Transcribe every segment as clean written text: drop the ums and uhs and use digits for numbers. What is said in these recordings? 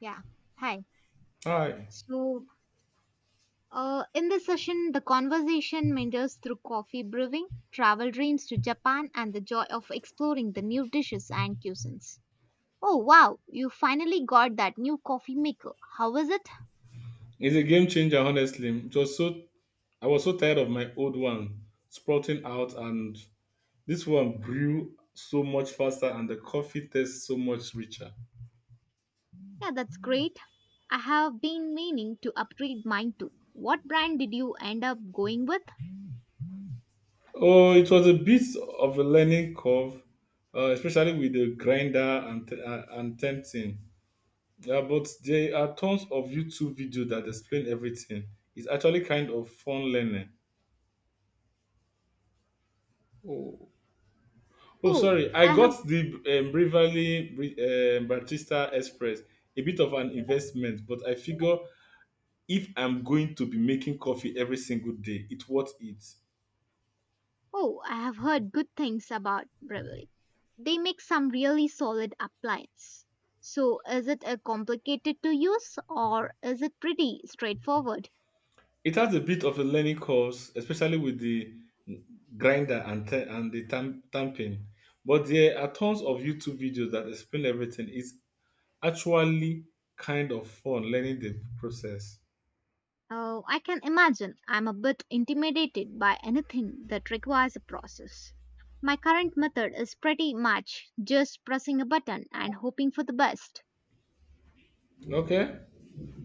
Yeah. Hi. Hi. So, in this session, the conversation meanders through coffee brewing, travel dreams to Japan, and the joy of exploring the new dishes and cuisines. Oh, wow. You finally got that new coffee maker. How was it? It's a game changer, honestly. It was so I was so tired of my old one sprouting out and this one grew so much faster and the coffee tastes so much richer. Yeah, that's great. I have been meaning to upgrade mine too. What brand did you end up going with? Oh, it was a bit of a learning curve, especially with the grinder and and tempting. Yeah, but there are tons of YouTube videos that explain everything. It's actually kind of fun learning. Oh, Oh, sorry. I I got the Bravely Batista Express, a bit of an investment, but I figure if I'm going to be making coffee every single day, it's worth it. Oh, I have heard good things about Breville. They make some really solid appliance. So, is it complicated to use or is it pretty straightforward? It has a bit of a learning course, especially with the grinder and and the tamping. But there are tons of YouTube videos that explain everything. It's actually kind of fun learning the process. Oh, I can imagine I'm a bit intimidated by anything that requires a process. My current method is pretty much just pressing a button and hoping for the best. Okay.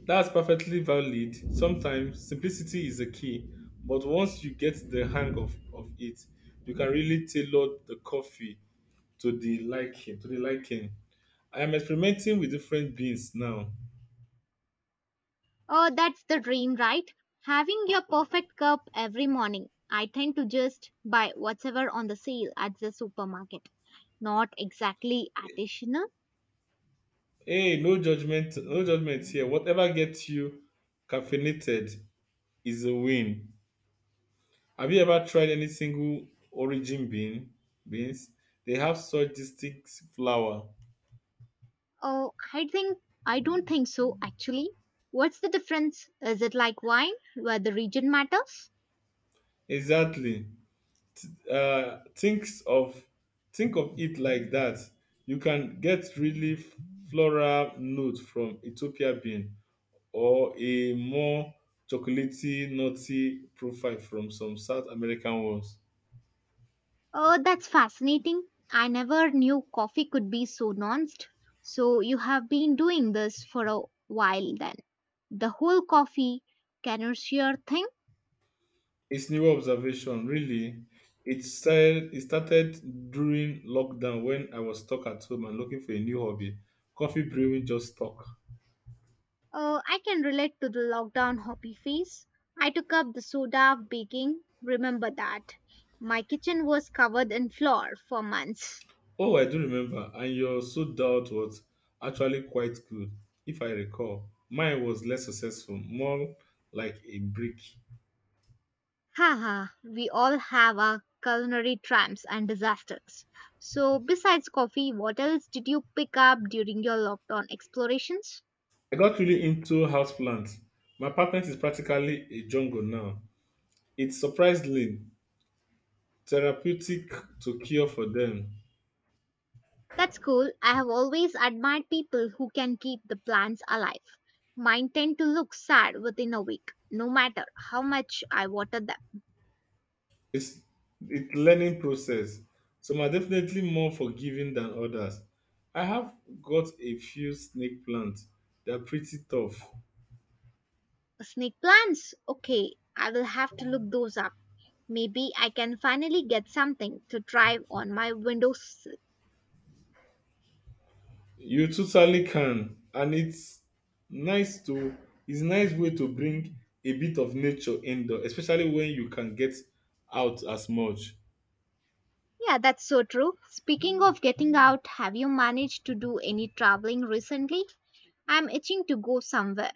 That's perfectly valid. Sometimes simplicity is the key, but once you get the hang of it, you can really tailor the coffee to the liking. I am experimenting with different beans now. Oh, that's the dream, right? Having your perfect cup every morning. I tend to just buy whatever on the sale at the supermarket. Not exactly artisanal. Hey, no judgment, no judgment here. Whatever gets you caffeinated is a win. Have you ever tried any single origin beans? They have such distinct flower. Oh, I don't think so actually. What's the difference? Is it like wine where the region matters? Exactly. uh, thinks of think of it like that. You can get really floral note from ethiopia bean, or a more chocolatey nutty profile from some south american ones. Oh, that's fascinating. I never knew coffee could be so nuanced. So you have been doing this for a while then. The whole coffee connoisseur thing? It's new observation really. It started during lockdown when I was stuck at home and looking for a new hobby. Coffee brewing just stuck. I can relate to the lockdown hobby phase. I took up the soda baking. Remember that. My kitchen was covered in flour for months. Oh, I do remember. And your so doubt was actually quite good, if I recall. Mine was less successful, more like a brick. Haha, we all have our culinary triumphs and disasters. So, besides coffee, what else did you pick up during your lockdown explorations? I got really into houseplants. My apartment is practically a jungle now. It's surprisingly therapeutic to care for them. That's cool. I have always admired people who can keep the plants alive. Mine tend to look sad within a week, no matter how much I water them. It's it's learning process. Some are definitely more forgiving than others. I have got a few snake plants. They're pretty tough. Snake plants? Okay, I will have to look those up. Maybe I can finally get something to drive on my windows. You totally can, and nice to it's nice way to bring a bit of nature indoor, especially when you can get out as much. Yeah, that's so true. Speaking of getting out, have you managed to do any traveling recently? I'm itching to go somewhere.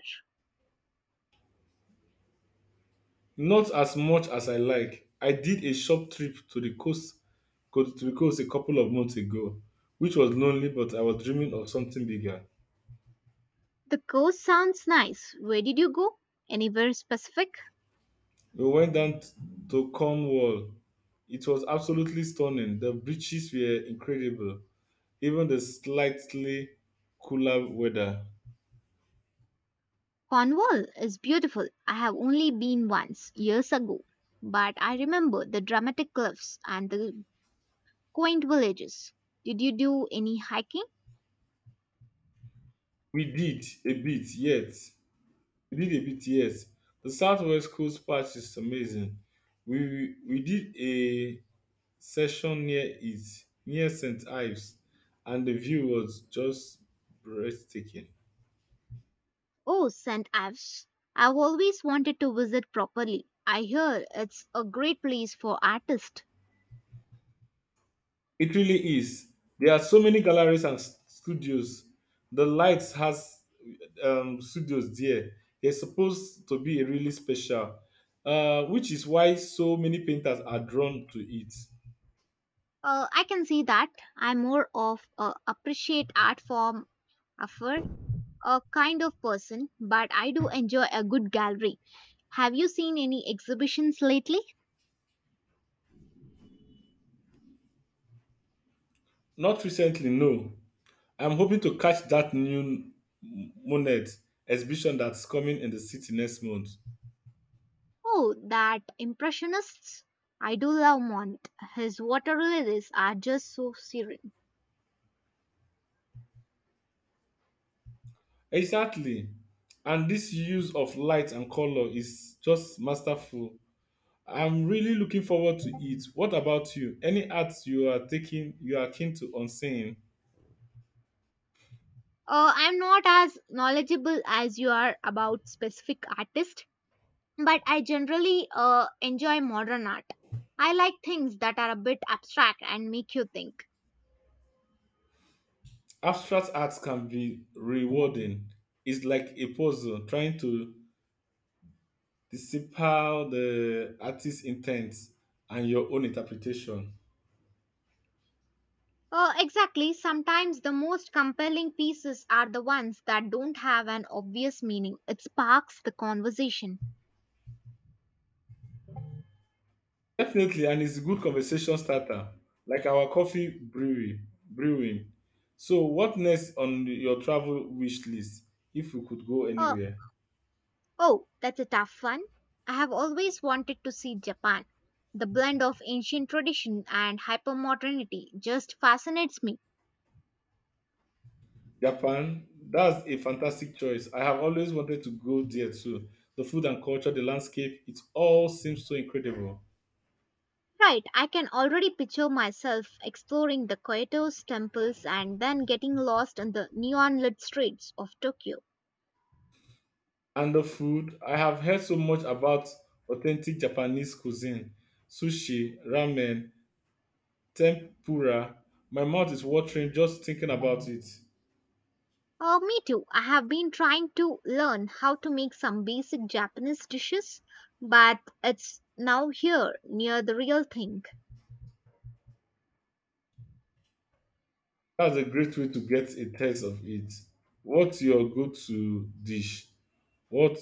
Not as much as I like. I did a short trip to the to the coast a couple of months ago, which was lonely, but I was dreaming of something bigger. The coast sounds nice. Where did you go? Anywhere specific? We went to Cornwall. It was absolutely stunning. The beaches were incredible, even the slightly cooler weather. Cornwall is beautiful. I have only been once, years ago, but I remember the dramatic cliffs and the quaint villages. Did you do any hiking? We did a bit, yet we did a bit, yes. The Southwest Coast Patch is amazing. We did a session near it, near St. Ives, and the view was just breathtaking. Oh, St. Ives. I've always wanted to visit properly. I hear it's a great place for artists. It really is. There are so many galleries and studios. The Lights has studios there. They're supposed to be really special, which is why so many painters are drawn to it. I can see that. I'm more of a appreciate art form affair a kind of person, but I do enjoy a good gallery. Have you seen any exhibitions lately? Not recently, no. I'm hoping to catch that new Monet exhibition that's coming in the city next month. Oh, that impressionists. I do love Monet. His water lilies are just so serene. Exactly. And this use of light and color is just masterful. I'm really looking forward to it. What about you? Any arts you are taking you are keen to on seeing? I'm not as knowledgeable as you are about specific artists, but I generally enjoy modern art. I like things that are a bit abstract and make you think. Abstract arts can be rewarding. It's like a puzzle trying to decipher the artist's intent and your own interpretation. Exactly, sometimes the most compelling pieces are the ones that don't have an obvious meaning. It sparks the conversation. Definitely, and it's a good conversation starter, like our coffee brewery brewing. So, what next on your travel wish list if you could go Uh, anywhere? oh, that's a tough one. I have always wanted to see Japan. The blend of ancient tradition and hypermodernity just fascinates me. Japan, that's a fantastic choice. I have always wanted to go there too. The food and culture, the landscape, it all seems so incredible. Right, I can already picture myself exploring the Kyoto's temples and then getting lost in the neon lit streets of Tokyo. And the food, I have heard so much about authentic Japanese cuisine, sushi, ramen, tempura. My mouth is watering just thinking about it. Oh, me too. I have been trying to learn how to make some basic Japanese dishes, but it's now here near the real thing. That's a great way to get a taste of it. What's your go-to dish? What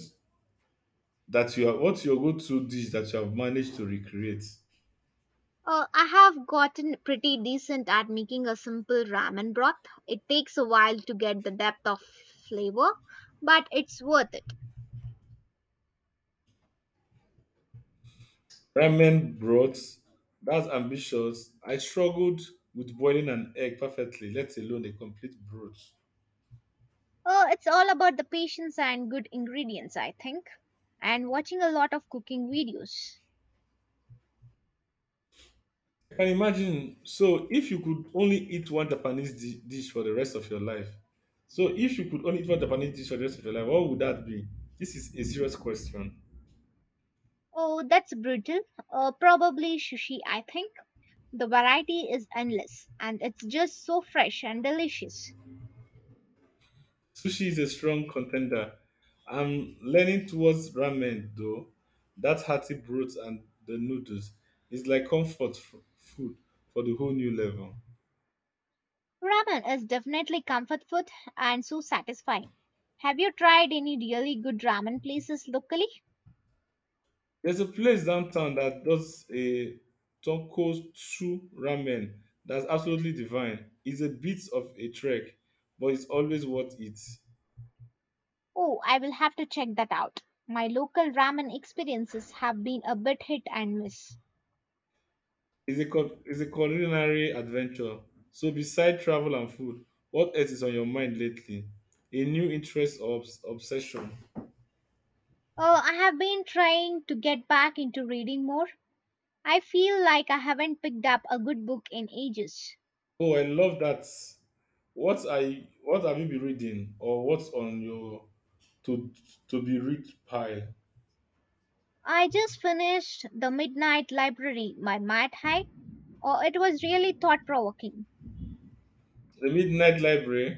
what's your go-to dish that you have managed to recreate? I have gotten pretty decent at making a simple ramen broth. It takes a while to get the depth of flavor, but it's worth it. Ramen broth. That's ambitious. I struggled with boiling an egg perfectly, let alone a complete broth. Oh, it's all about the patience and good ingredients, I think. And watching a lot of cooking videos. I can imagine. So, if you could only eat one Japanese dish for the rest of your life, so if you could only eat one Japanese dish for the rest of your life, what would that be? This is a serious question. Oh, that's brutal. Probably sushi, I think. The variety is endless and it's just so fresh and delicious. Sushi is a strong contender. I'm leaning towards ramen though. That hearty broth and the noodles is like comfort food for the whole new level. Ramen is definitely comfort food and so satisfying. Have you tried any really good ramen places locally? There's a place downtown that does a tonkotsu ramen that's absolutely divine. It's a bit of a trek, but it's always worth it. Oh, I will have to check that out. My local ramen experiences have been a bit hit and miss. It's a culinary adventure. So, beside travel and food, what else is on your mind lately? A new interest or obsession? Oh, I have been trying to get back into reading more. I feel like I haven't picked up a good book in ages. Oh, I love that. What have you been reading, or what's on your to be read pile? I just finished The Midnight Library by Matt Haig. Oh, it was really thought provoking. The Midnight Library.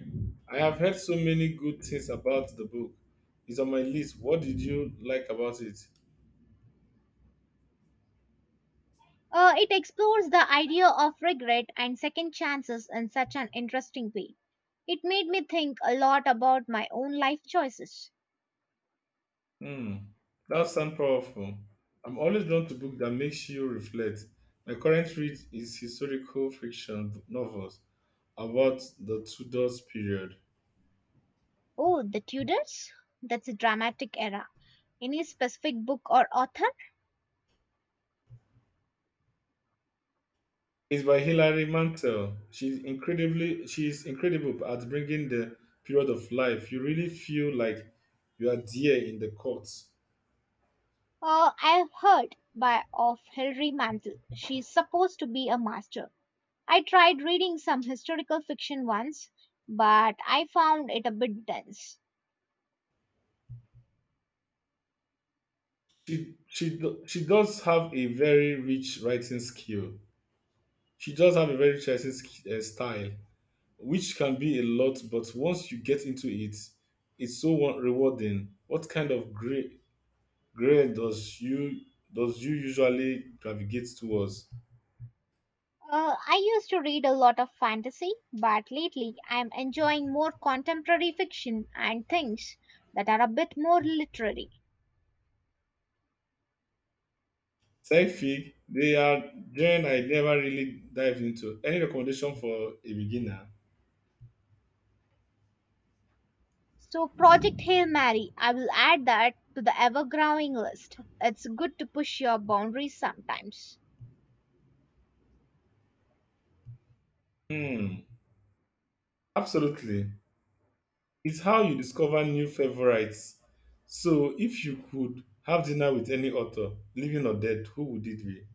I have heard so many good things about the book. It's on my list. What did you like about it? It explores the idea of regret and second chances in such an interesting way. It made me think a lot about my own life choices. Hmm, that sounds powerful. I'm always drawn to books that makes you reflect. My current read is historical fiction novels about the Tudors period. Oh, The Tudors? That's a dramatic era. Any specific book or author? Is by Hilary Mantel. She's incredible at bringing the period of life. You really feel like you are there in the court. I've heard by of Hilary Mantel. She's supposed to be a master. I tried reading some historical fiction once, but I found it a bit dense. She does have a very rich writing skill. She does have a very rich writing style, which can be a lot. But once you get into it, it's so rewarding. What kind of grade does you usually gravitate towards? I used to read a lot of fantasy, but lately I'm enjoying more contemporary fiction and things that are a bit more literary. Tech fee, they are gen I never really dived into. Any recommendation for a beginner? So, Project Hail Mary, I will add that to the ever growing list. It's good to push your boundaries sometimes. Hmm, absolutely. It's how you discover new favorites. So if you could have dinner with any author, living or dead, who would it be?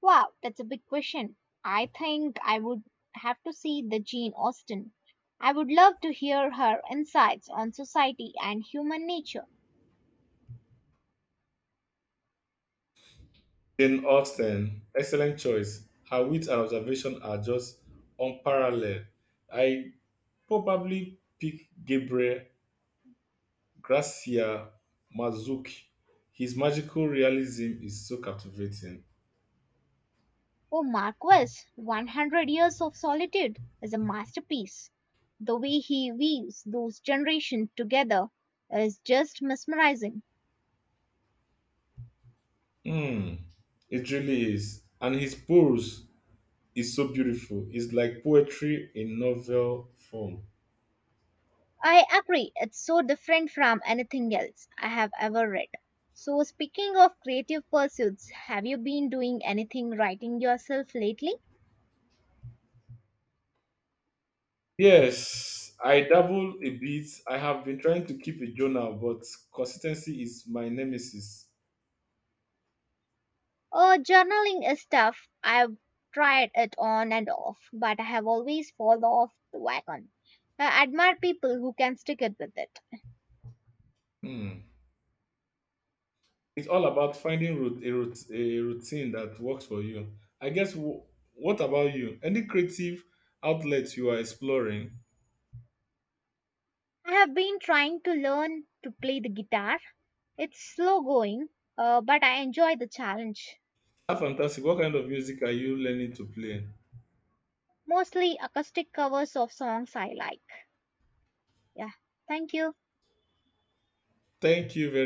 Wow, that's a big question. I think I would have to see the Jane Austen. I would love to hear her insights on society and human nature. Jane Austen, excellent choice. Her wit and observation are just unparalleled. I probably pick Gabriel Gracia Mazuki. His magical realism is so captivating. Oh, Marquis, 100 Years of Solitude is a masterpiece. The way he weaves those generations together is just mesmerizing. Mm, it really is. And his prose is so beautiful. It's like poetry in novel form. I agree, it's so different from anything else I have ever read. So, speaking of creative pursuits, have you been doing anything writing yourself lately? Yes, I dabble a bit. I have been trying to keep a journal, but consistency is my nemesis. Oh, journaling is tough. I've tried it on and off, but I have always fallen off the wagon. I admire people who can stick it with it. Hmm. It's all about finding root, a routine that works for you. I guess, what about you? Any creative outlets you are exploring? I have been trying to learn to play the guitar. It's slow going, but I enjoy the challenge. Ah, fantastic. What kind of music are you learning to play? Mostly acoustic covers of songs I like. Yeah, thank you. Thank you very